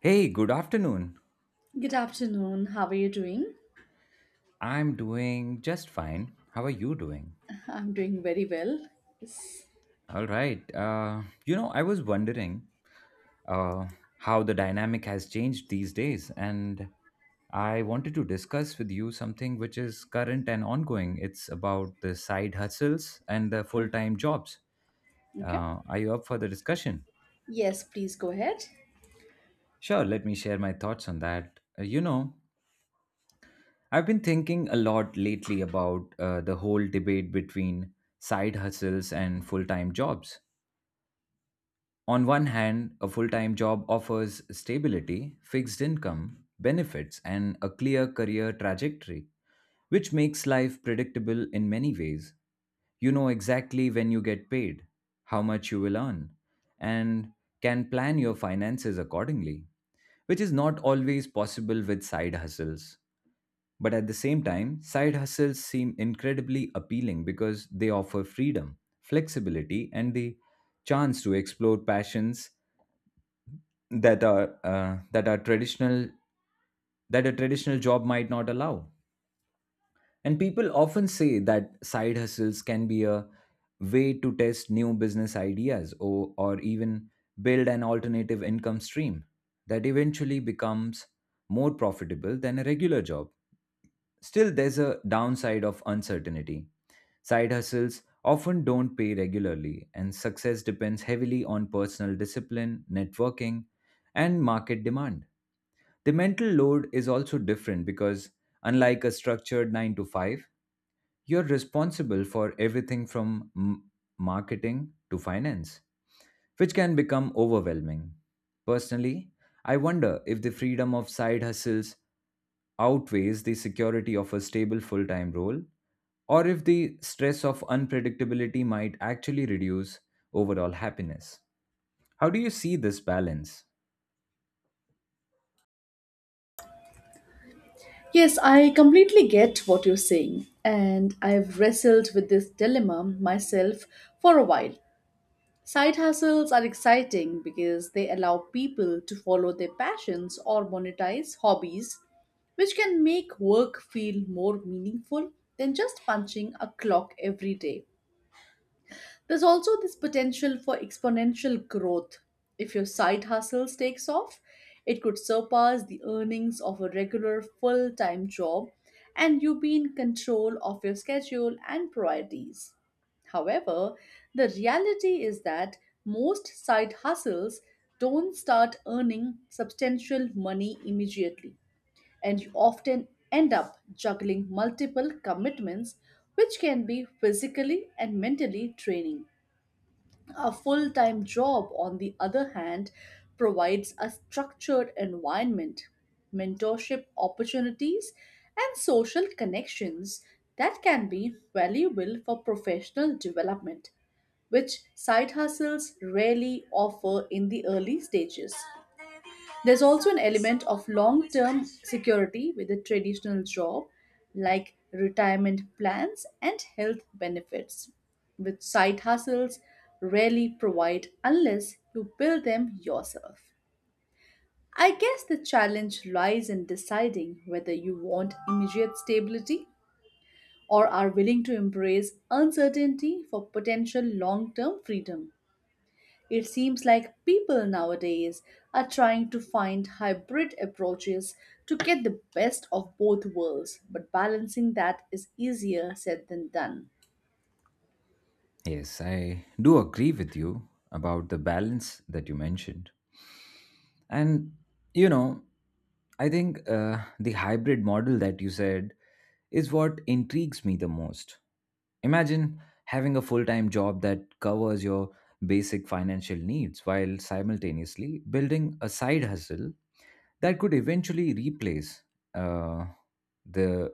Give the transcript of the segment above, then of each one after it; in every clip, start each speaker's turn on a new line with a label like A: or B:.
A: Hey, good afternoon.
B: Good afternoon. How are you doing?
A: I'm doing just fine. How are you doing?
B: I'm doing very well. Yes.
A: All right. You know, I was wondering uh, how the dynamic has changed these days, and I wanted to discuss with you something which is current and ongoing. It's about the side hustles and the full time jobs.
B: Okay.
A: Are you up for the discussion?
B: Yes, please go ahead.
A: Sure, let me share my thoughts on that. You know, I've been thinking a lot lately about the whole debate between side hustles and full time jobs. On one hand, a full time job offers stability, fixed income, benefits, and a clear career trajectory, which makes life predictable in many ways. You know exactly when you get paid, how much you will earn, and can plan your finances accordingly, which is not always possible with side hustles. But at the same time, side hustles seem incredibly appealing because they offer freedom, flexibility, and the chance to explore passions that are uh, that are traditional that a traditional job might not allow. And people often say that side hustles can be a way to test new business ideas or even build an alternative income stream that eventually becomes more profitable than a regular job. Still, there's a downside of uncertainty. Side hustles often don't pay regularly, and success depends heavily on personal discipline, networking, and market demand. The mental load is also different because, unlike a structured 9 to 5, you're responsible for everything marketing to finance, which can become overwhelming. Personally, I wonder if the freedom of side hustles outweighs the security of a stable full time role, or if the stress of unpredictability might actually reduce overall happiness. How do you see this balance?
B: Yes, I completely get what you're saying, and I've wrestled with this dilemma myself for a while. Side hustles are exciting because they allow people to follow their passions or monetize hobbies, which can make work feel more meaningful than just punching a clock every day. There's also this potential for exponential growth. If your side hustles takes off, it could surpass the earnings of a regular full time job, and you be in control of your schedule and priorities. However, the reality is that most side hustles don't start earning substantial money immediately, and you often end up juggling multiple commitments, which can be physically and mentally draining. A full time job, on the other hand, provides a structured environment, mentorship opportunities, and social connections that can be valuable for professional development, which side hustles rarely offer in the early stages. There's also an element of long term security with a traditional job, like retirement plans and health benefits, which side hustles rarely provide unless you build them yourself. I guess the challenge lies in deciding whether you want immediate stability or are willing to embrace uncertainty for potential long term freedom. It seems like people nowadays are trying to find hybrid approaches to get the best of both worlds, but balancing that is easier said than done.
A: Yes, I do agree with you about the balance that you mentioned. And, you know, I think the hybrid model that you said is what intrigues me the most. Imagine having a full time job that covers your basic financial needs while simultaneously building a side hustle that could eventually replace uh, the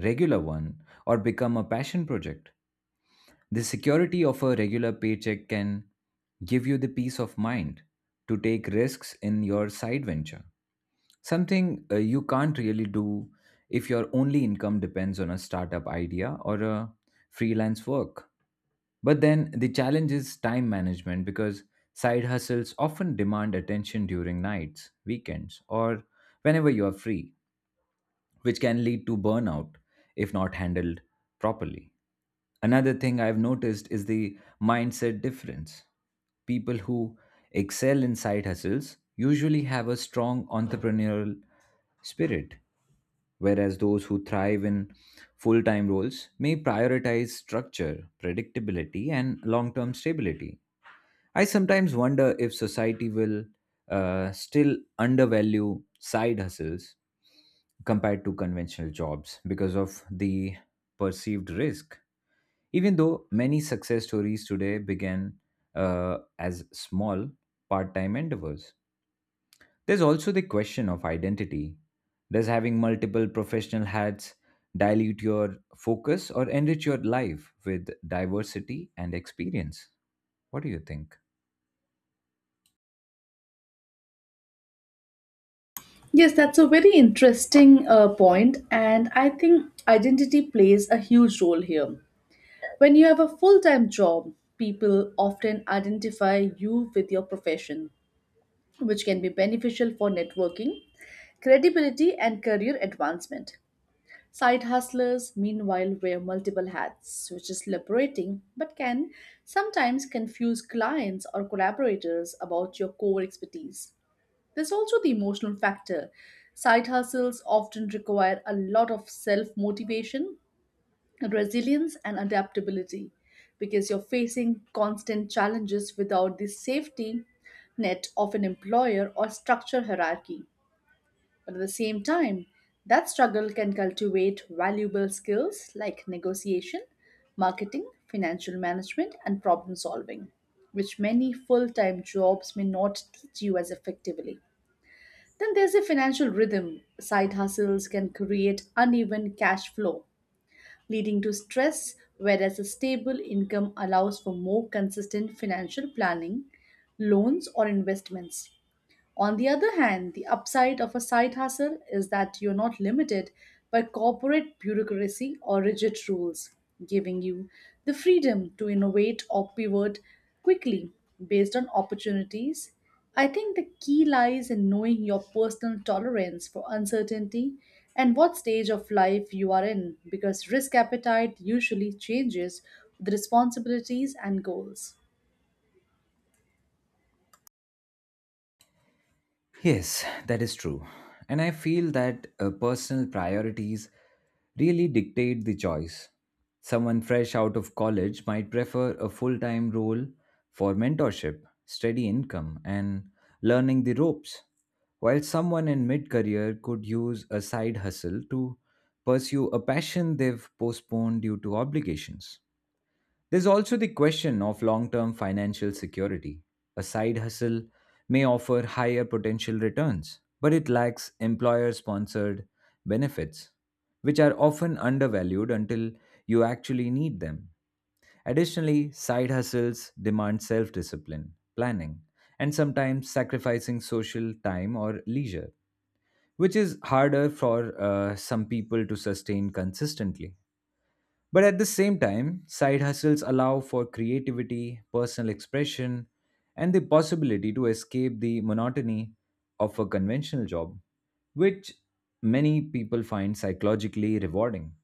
A: regular one or become a passion project. The security of a regular paycheck can give you the peace of mind to take risks in your side venture, something you can't really do if your only income depends on a startup idea or a freelance work. But then the challenge is time management because side hustles often demand attention during nights, weekends, or whenever you are free, which can lead to burnout if not handled properly. Another thing I've noticed is the mindset difference. People who excel in side hustles usually have a strong entrepreneurial spirit, whereas those who thrive in full time roles may prioritize structure, predictability, and long term stability. I sometimes wonder if society will still undervalue side hustles compared to conventional jobs because of the perceived risk. Even though many success stories today began as small part time endeavors, there's also the question of identity. Does having multiple professional hats dilute your focus or enrich your life with diversity and experience? What do you think?
B: Yes, that's a very interesting point, and I think identity plays a huge role here. When you have a full time job, people often identify you with your profession, which can be beneficial for networking, credibility, and career advancement. Side hustlers, meanwhile, wear multiple hats, which is liberating but can sometimes confuse clients or collaborators about your core expertise. There's also the emotional factor. Side hustles often require a lot of self motivation, resilience, and adaptability because you're facing constant challenges without the safety net of an employer or structure hierarchy. But at the same time, that struggle can cultivate valuable skills like negotiation, marketing, financial management, and problem solving, which many full time jobs may not teach you as effectively. Then there's a financial rhythm. Side hustles can create uneven cash flow, leading to stress, whereas a stable income allows for more consistent financial planning, loans, or investments. On the other hand, the upside of a side hustle is that you're not limited by corporate bureaucracy or rigid rules, giving you the freedom to innovate or pivot quickly based on opportunities. I think the key lies in knowing your personal tolerance for uncertainty and what stage of life you are in, because risk appetite usually changes with responsibilities and goals.
A: Yes, that is true. And I feel that personal priorities really dictate the choice. Someone fresh out of college might prefer a full time role for mentorship, steady income, and learning the ropes, while someone in mid career could use a side hustle to pursue a passion they've postponed due to obligations. There's also the question of long term financial security. A side hustle may offer higher potential returns, but it lacks employer sponsored benefits, which are often undervalued until you actually need them. Additionally, side hustles demand self discipline, planning, and sometimes sacrificing social time or leisure, which is harder for some people to sustain consistently. But at the same time, side hustles allow for creativity, personal expression, and the possibility to escape the monotony of a conventional job, which many people find psychologically rewarding.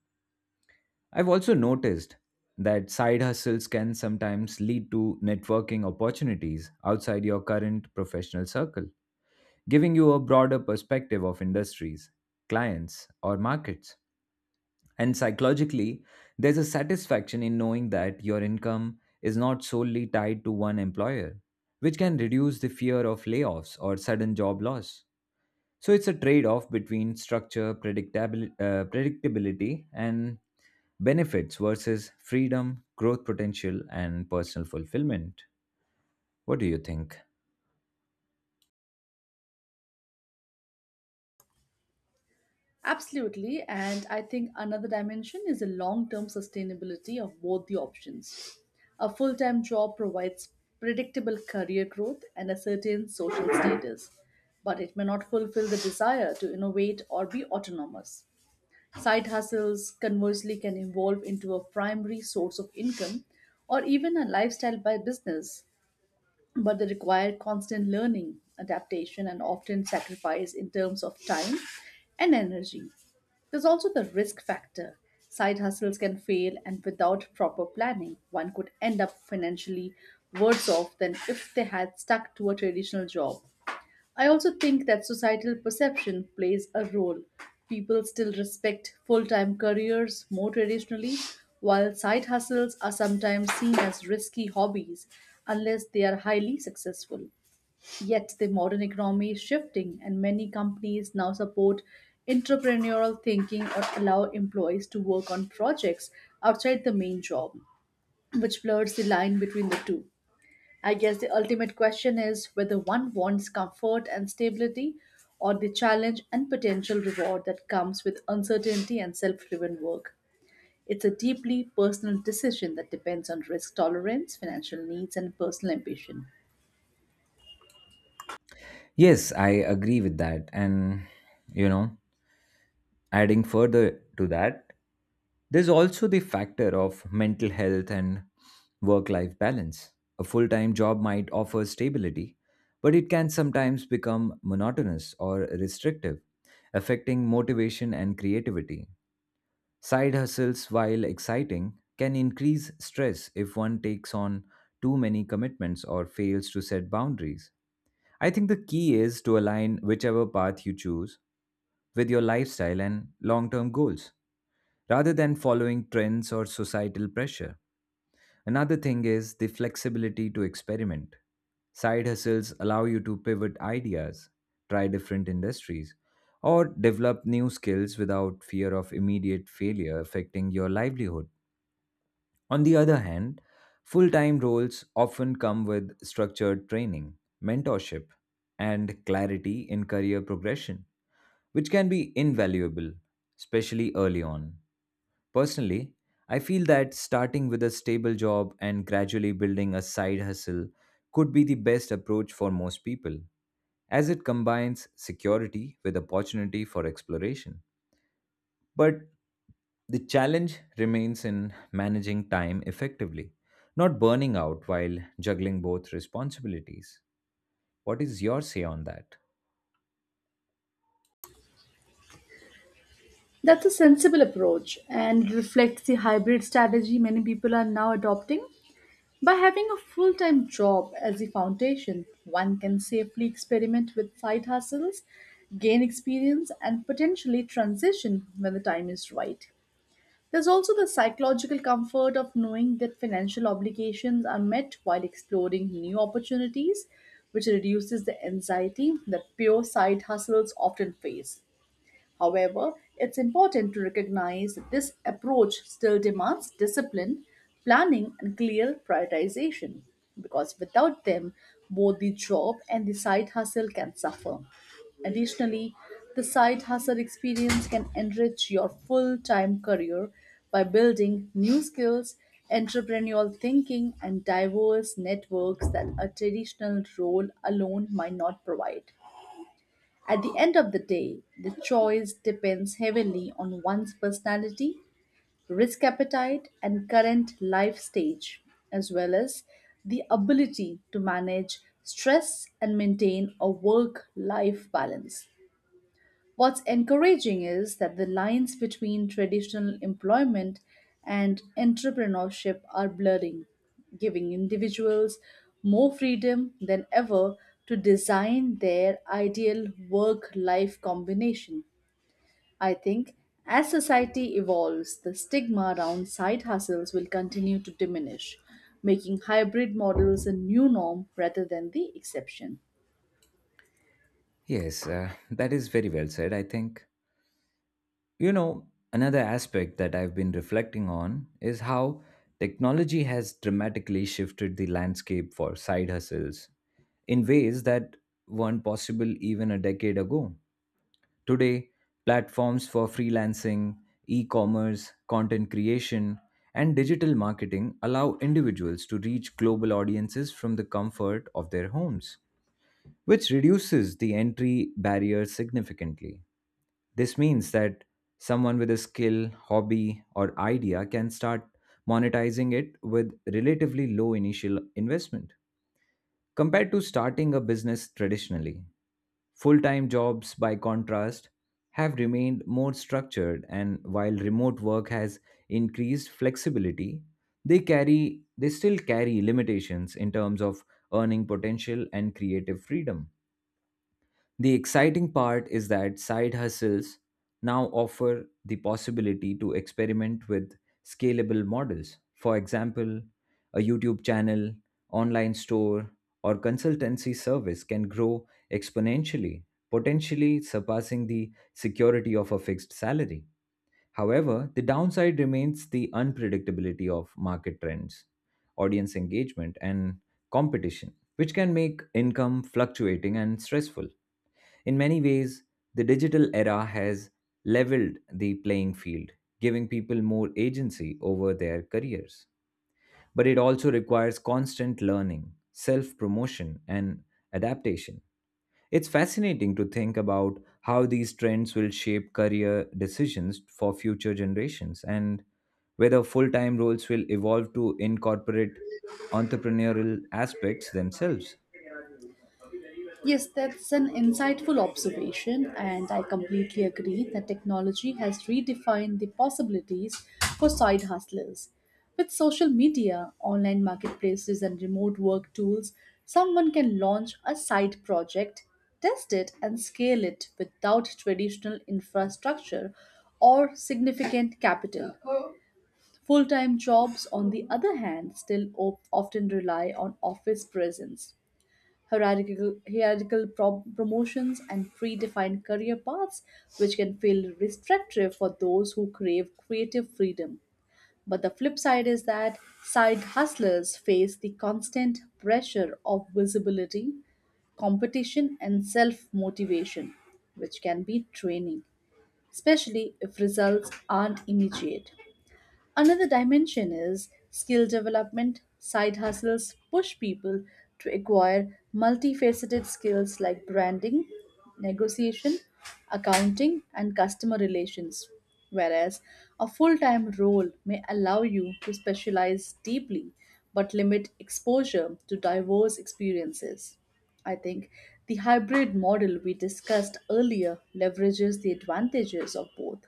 A: I've also noticed that side hustles can sometimes lead to networking opportunities outside your current professional circle, giving you a broader perspective of industries, clients, or markets. And psychologically, there's a satisfaction in knowing that your income is not solely tied to one employer, which can reduce the fear of layoffs or sudden job loss. So it's a trade off between structure, predictability, and benefits versus freedom, growth potential, and personal fulfillment. What do you think?
B: Absolutely, and I think another dimension is the long term sustainability of both the options. A full time job provides predictable career growth and a certain social status, but it may not fulfill the desire to innovate or be autonomous. Side hustles, conversely, can evolve into a primary source of income or even a lifestyle by business, but they require constant learning, adaptation, and often sacrifice in terms of time and energy. There's also the risk factor. Side hustles can fail, and without proper planning, one could end up financially worse off than if they had stuck to a traditional job. I also think that societal perception plays a role. People still respect full time careers more traditionally, while side hustles are sometimes seen as risky hobbies unless they are highly successful. Yet the modern economy is shifting, and many companies now support entrepreneurial thinking or allow employees to work on projects outside the main job, which blurs the line between the two. I guess the ultimate question is whether one wants comfort and stability or the challenge and potential reward that comes with uncertainty and self driven work. It's a deeply personal decision that depends on risk tolerance, financial needs, and personal ambition.
A: Yes, I agree with that. And, you know, adding further to that, there's also the factor of mental health and work life balance. A full time job might offer stability, but it can sometimes become monotonous or restrictive, affecting motivation and creativity. Side hustles, while exciting, can increase stress if one takes on too many commitments or fails to set boundaries. I think the key is to align whichever path you choose with your lifestyle and long term goals rather than following trends or societal pressure. Another thing is the flexibility to experiment. Side hustles allow you to pivot ideas, try different industries, or develop new skills without fear of immediate failure affecting your livelihood. On the other hand, full time roles often come with structured training, mentorship, and clarity in career progression, which can be invaluable, especially early on. Personally, I feel that starting with a stable job and gradually building a side hustle could be the best approach for most people, as it combines security with opportunity for exploration. But the challenge remains in managing time effectively, not burning out while juggling both responsibilities. What is your say on that?
B: That's a sensible approach and reflects the hybrid strategy many people are now adopting. By having a full time job as the foundation, one can safely experiment with side hustles, gain experience, and potentially transition when the time is right. There's also the psychological comfort of knowing that financial obligations are met while exploring new opportunities, which reduces the anxiety that pure side hustles often face. However, it's important to recognize that this approach still demands discipline, planning, and clear prioritization because without them, both the job and the side hustle can suffer. Additionally, the side hustle experience can enrich your full time career by building new skills, entrepreneurial thinking, and diverse networks that a traditional role alone might not provide. At the end of the day, the choice depends heavily on one's personality, risk appetite, and current life stage, as well as the ability to manage stress and maintain a work life balance. What's encouraging is that the lines between traditional employment and entrepreneurship are blurring, giving individuals more freedom than ever to design their ideal work life combination. I think as society evolves, the stigma around side hustles will continue to diminish, making hybrid models a new norm rather than the exception.
A: Yes, that is very well said, I think. You know, another aspect that I've been reflecting on is how technology has dramatically shifted the landscape for side hustles in ways that weren't possible even a decade ago. Today, platforms for freelancing, e commerce, content creation, and digital marketing allow individuals to reach global audiences from the comfort of their homes, which reduces the entry barrier significantly. This means that someone with a skill, hobby, or idea can start monetizing it with relatively low initial investment compared to starting a business traditionally. Full time jobs, by contrast, have remained more structured, and while remote work has increased flexibility, they still carry limitations in terms of earning potential and creative freedom. The exciting part is that side hustles now offer the possibility to experiment with scalable models. For example, a YouTube channel, online store, or consultancy service can grow exponentially, potentially surpassing the security of a fixed salary. However, the downside remains the unpredictability of market trends, audience engagement, and competition, which can make income fluctuating and stressful. In many ways, the digital era has leveled the playing field, giving people more agency over their careers. But it also requires constant learning, self promotion, and adaptation. It's fascinating to think about how these trends will shape career decisions for future generations and whether full time roles will evolve to incorporate entrepreneurial aspects themselves.
B: Yes, that's an insightful observation, and I completely agree that technology has redefined the possibilities for side hustlers. With social media, online marketplaces, and remote work tools, someone can launch a side project, test it, and scale it without traditional infrastructure or significant capital. Full time jobs, on the other hand, still often rely on office presence, hierarchical promotions, and predefined career paths, which can feel restrictive for those who crave creative freedom. But the flip side is that side hustlers face the constant pressure of visibility, competition, and self motivation, which can be draining, especially if results aren't immediate. Another dimension is skill development. Side hustles push people to acquire multifaceted skills like branding, negotiation, accounting, and customer relations. Whereas a full time role may allow you to specialize deeply but limit exposure to diverse experiences. I think the hybrid model we discussed earlier leverages the advantages of both,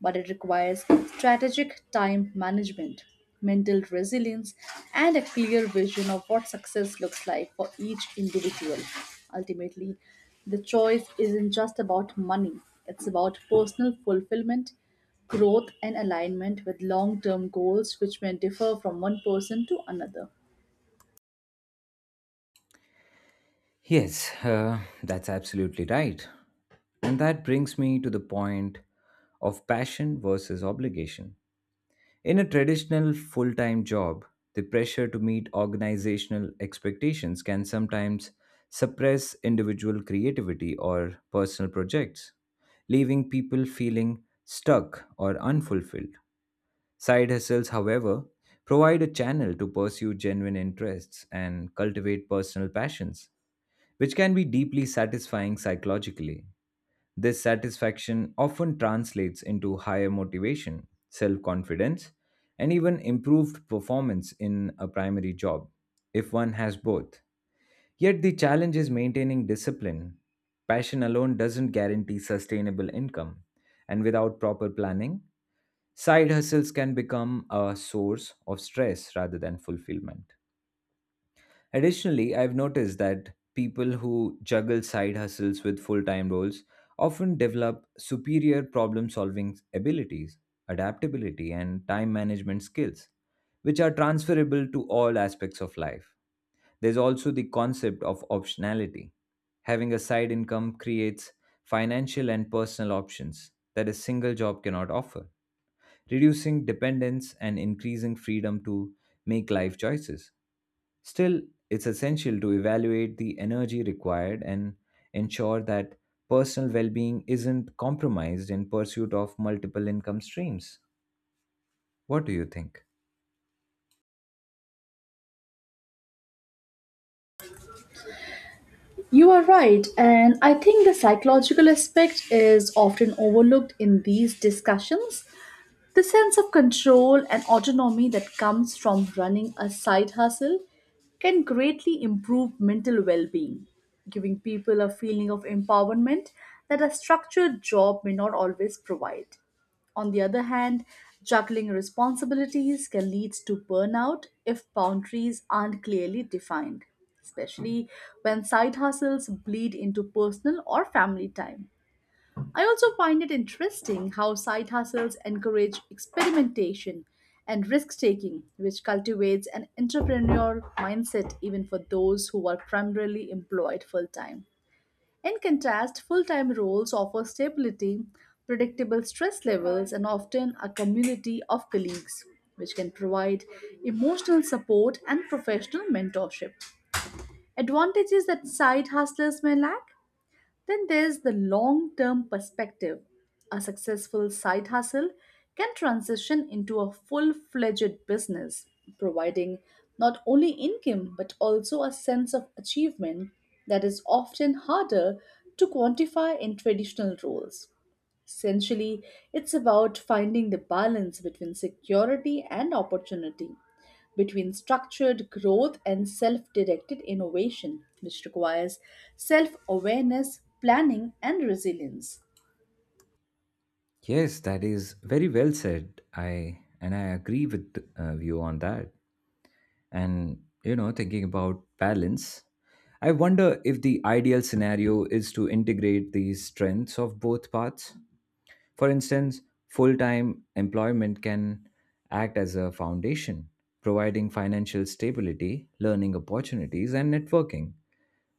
B: but it requires strategic time management, mental resilience, and a clear vision of what success looks like for each individual. Ultimately, the choice isn't just about money, it's about personal fulfillment, growth, and alignment with long term goals, which may differ from one person to another.
A: Yes, that's absolutely right. And that brings me to the point of passion versus obligation. In a traditional full time job, the pressure to meet organizational expectations can sometimes suppress individual creativity or personal projects, leaving people feeling stuck or unfulfilled. Side hustles, however, provide a channel to pursue genuine interests and cultivate personal passions, which can be deeply satisfying psychologically. This satisfaction often translates into higher motivation, self confidence, and even improved performance in a primary job, if one has both. Yet the challenge is maintaining discipline. Passion alone doesn't guarantee sustainable income, and without proper planning, side hustles can become a source of stress rather than fulfillment. Additionally, I've noticed that people who juggle side hustles with full time roles often develop superior problem solving abilities, adaptability, and time management skills, which are transferable to all aspects of life. There's also the concept of optionality. Having a side income creates financial and personal options that a single job cannot offer, reducing dependence and increasing freedom to make life choices. Still, it's essential to evaluate the energy required and ensure that personal well being isn't compromised in pursuit of multiple income streams. What do you think?
B: You are right, and I think the psychological aspect is often overlooked in these discussions. The sense of control and autonomy that comes from running a side hustle can greatly improve mental well being, giving people a feeling of empowerment that a structured job may not always provide. On the other hand, juggling responsibilities can lead to burnout if boundaries aren't clearly defined, especially when side hustles bleed into personal or family time. I also find it interesting how side hustles encourage experimentation and risk taking, which cultivates an entrepreneurial mindset even for those who are primarily employed full time. In contrast, full time roles offer stability, predictable stress levels, and often a community of colleagues, which can provide emotional support and professional mentorship. Advantages that side hustlers may lack. Then there's the long term perspective. A successful side hustle can transition into a full fledged business, providing not only income but also a sense of achievement that is often harder to quantify in traditional roles. Essentially, it's about finding the balance between security and opportunity, between structured growth and self directed innovation, which requires self awareness, planning, and resilience.
A: Yes, that is very well said. I agree with you on that. And you know, thinking about balance, I wonder if the ideal scenario is to integrate the strengths of both paths. For instance, full time employment can act as a foundation, providing financial stability, learning opportunities, and networking,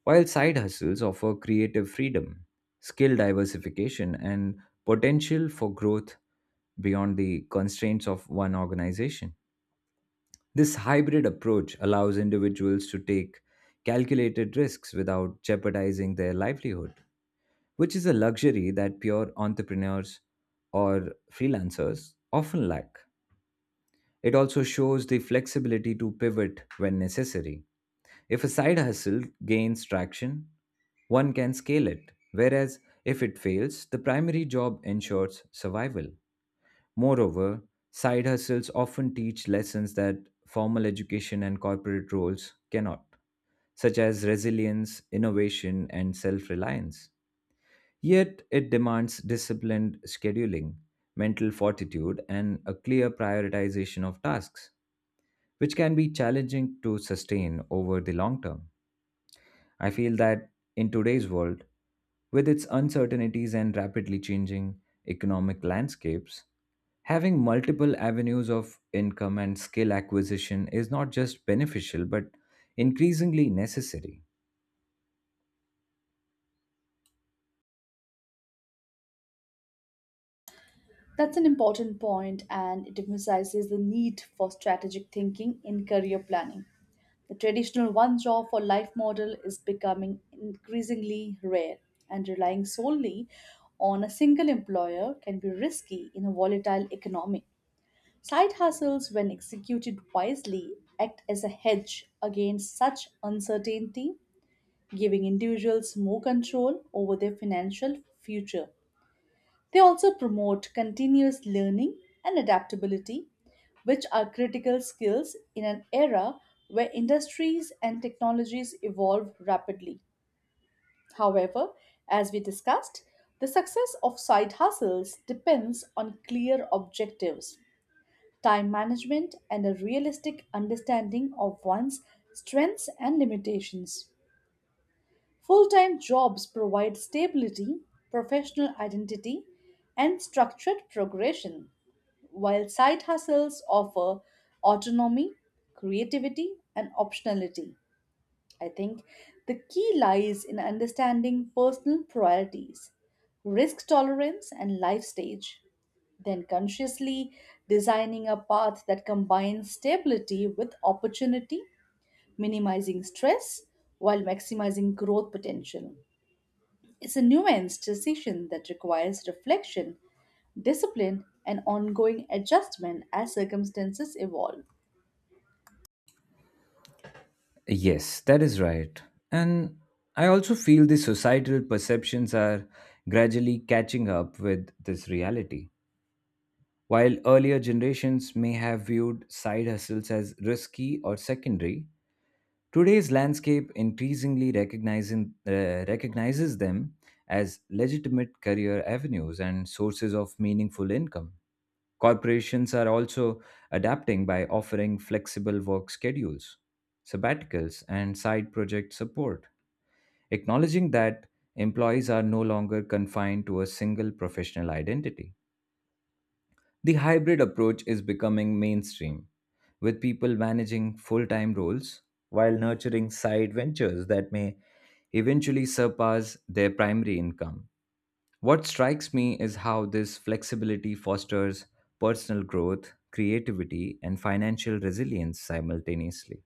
A: while side hustles offer creative freedom, skill diversification, and potential for growth beyond the constraints of one organization. This hybrid approach allows individuals to take calculated risks without jeopardizing their livelihood, which is a luxury that pure entrepreneurs or freelancers often lack. It also shows the flexibility to pivot when necessary. If a side hustle gains traction, one can scale it, whereas if it fails, the primary job ensures survival. Moreover, side hustles often teach lessons that formal education and corporate roles cannot, such as resilience, innovation, and self reliance. Yet it demands disciplined scheduling, mental fortitude, and a clear prioritization of tasks, which can be challenging to sustain over the long term. I feel that in today's world, with its uncertainties and rapidly changing economic landscapes, having multiple avenues of income and skill acquisition is not just beneficial but increasingly necessary.
B: That's an important point, and it emphasizes the need for strategic thinking in career planning. The traditional one job for life model is becoming increasingly rare, and relying solely on a single employer can be risky in a volatile economy. Side hustles, when executed wisely, act as a hedge against such uncertainty, giving individuals more control over their financial future. They also promote continuous learning and adaptability, which are critical skills in an era where industries and technologies evolve rapidly. However, as we discussed, the success of side hustles depends on clear objectives, time management, and a realistic understanding of one's strengths and limitations. Full time jobs provide stability, professional identity, and structured progression, while side hustles offer autonomy, creativity, and optionality. I think the key lies in understanding personal priorities, risk tolerance, and life stage, then consciously designing a path that combines stability with opportunity, minimizing stress while maximizing growth potential. It's a nuanced decision that requires reflection, discipline, and ongoing adjustment as circumstances evolve.
A: Yes, that is right. And I also feel the societal perceptions are gradually catching up with this reality. While earlier generations may have viewed side hustles as risky or secondary, today's landscape recognizes them as legitimate career avenues and sources of meaningful income. Corporations are also adapting by offering flexible work schedules, sabbaticals, and side project support, acknowledging that employees are no longer confined to a single professional identity. The hybrid approach is becoming mainstream, with people managing full time roles while nurturing side ventures that may eventually surpass their primary income. What strikes me is how this flexibility fosters personal growth, creativity, and financial resilience simultaneously,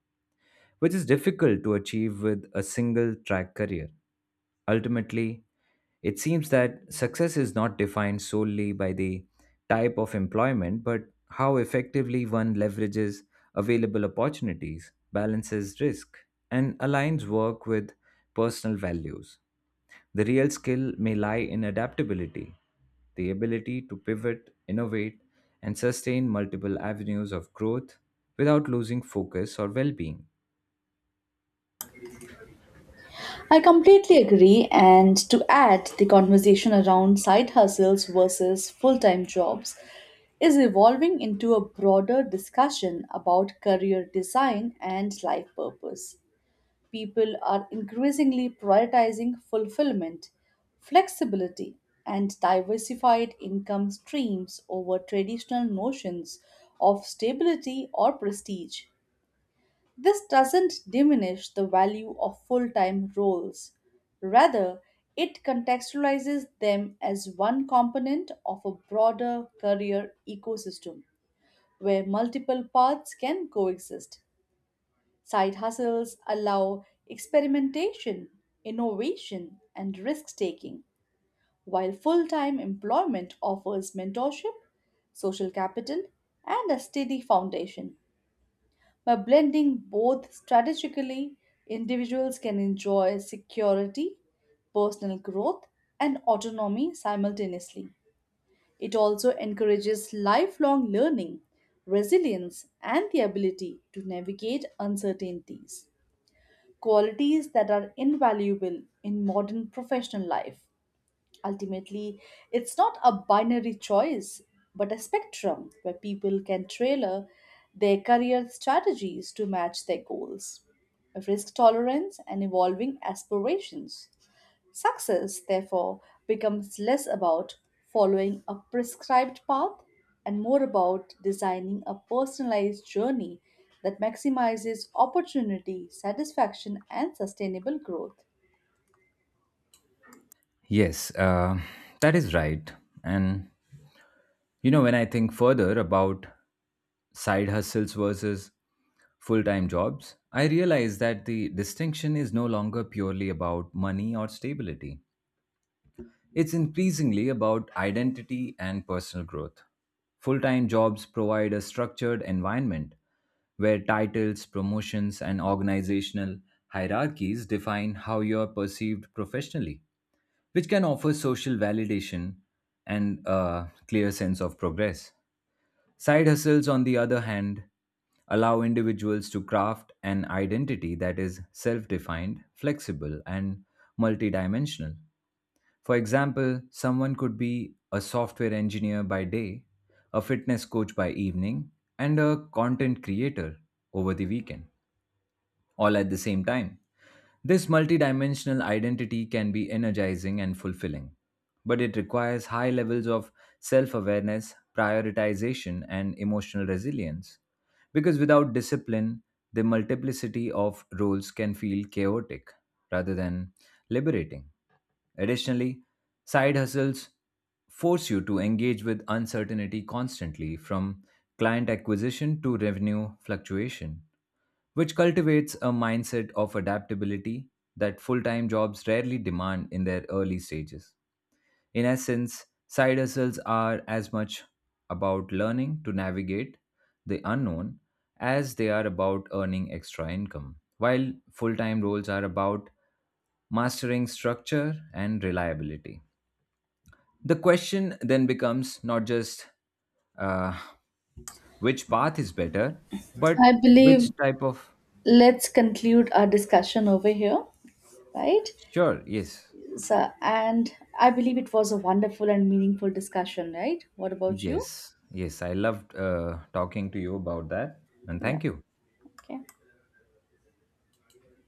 A: which is difficult to achieve with a single track career. Ultimately, it seems that success is not defined solely by the type of employment, but how effectively one leverages available opportunities, balances risk, and aligns work with personal values. The real skill may lie in adaptability, the ability to pivot, innovate, and sustain multiple avenues of growth without losing focus or well being.
B: I completely agree, and to add, the conversation around side hustles versus full time jobs is evolving into a broader discussion about career design and life purpose. People are increasingly prioritizing fulfillment, flexibility, and diversified income streams over traditional notions of stability or prestige. This doesn't diminish the value of full time roles. Rather, it contextualizes them as one component of a broader career ecosystem where multiple paths can coexist. Side hustles allow experimentation, innovation, and risk taking, while full time employment offers mentorship, social capital, and a steady foundation. By blending both strategically, individuals can enjoy security, personal growth, and autonomy simultaneously. It also encourages lifelong learning, resilience, and the ability to navigate uncertainties, qualities that are invaluable in modern professional life. Ultimately, it's not a binary choice, but a spectrum where people can tailor their career strategies to match their goals, risk tolerance, and evolving aspirations. Success, therefore, becomes less about following a prescribed path and more about designing a personalized journey that maximizes opportunity, satisfaction, and sustainable growth.
A: Yes, that is right. And you know, when I think further about side hustles versus full time jobs, I realize that the distinction is no longer purely about money or stability. It's increasingly about identity and personal growth. Full time jobs provide a structured environment where titles, promotions, and organizational hierarchies define how you're perceived professionally, which can offer social validation and a clear sense of progress. Side hustles, on the other hand, allow individuals to craft an identity that is self defined, flexible, and multidimensional. For example, someone could be a software engineer by day, a fitness coach by evening, and a content creator over the weekend, all at the same time. This multidimensional identity can be energizing and fulfilling, but it requires high levels of self awareness, prioritization, and emotional resilience. Because without discipline, the multiplicity of roles can feel chaotic rather than liberating. Additionally, side hustles force you to engage with uncertainty constantly, from client acquisition to revenue fluctuation, which cultivates a mindset of adaptability that full time jobs rarely demand in their early stages. In essence, side hustles are as much about learning to navigate the unknown as they are about earning extra income, while full time roles are about mastering structure and reliability. The question then becomes not just uh, which path is better,
B: I
A: but which
B: believe
A: type of.
B: Let's conclude our discussion over here, right?
A: Sure, yes,
B: So, and I believe it was a wonderful and meaningful discussion, right? What about you?
A: yes. I loved talking to you about that, and
B: Yeah,
A: thank you.
B: okay.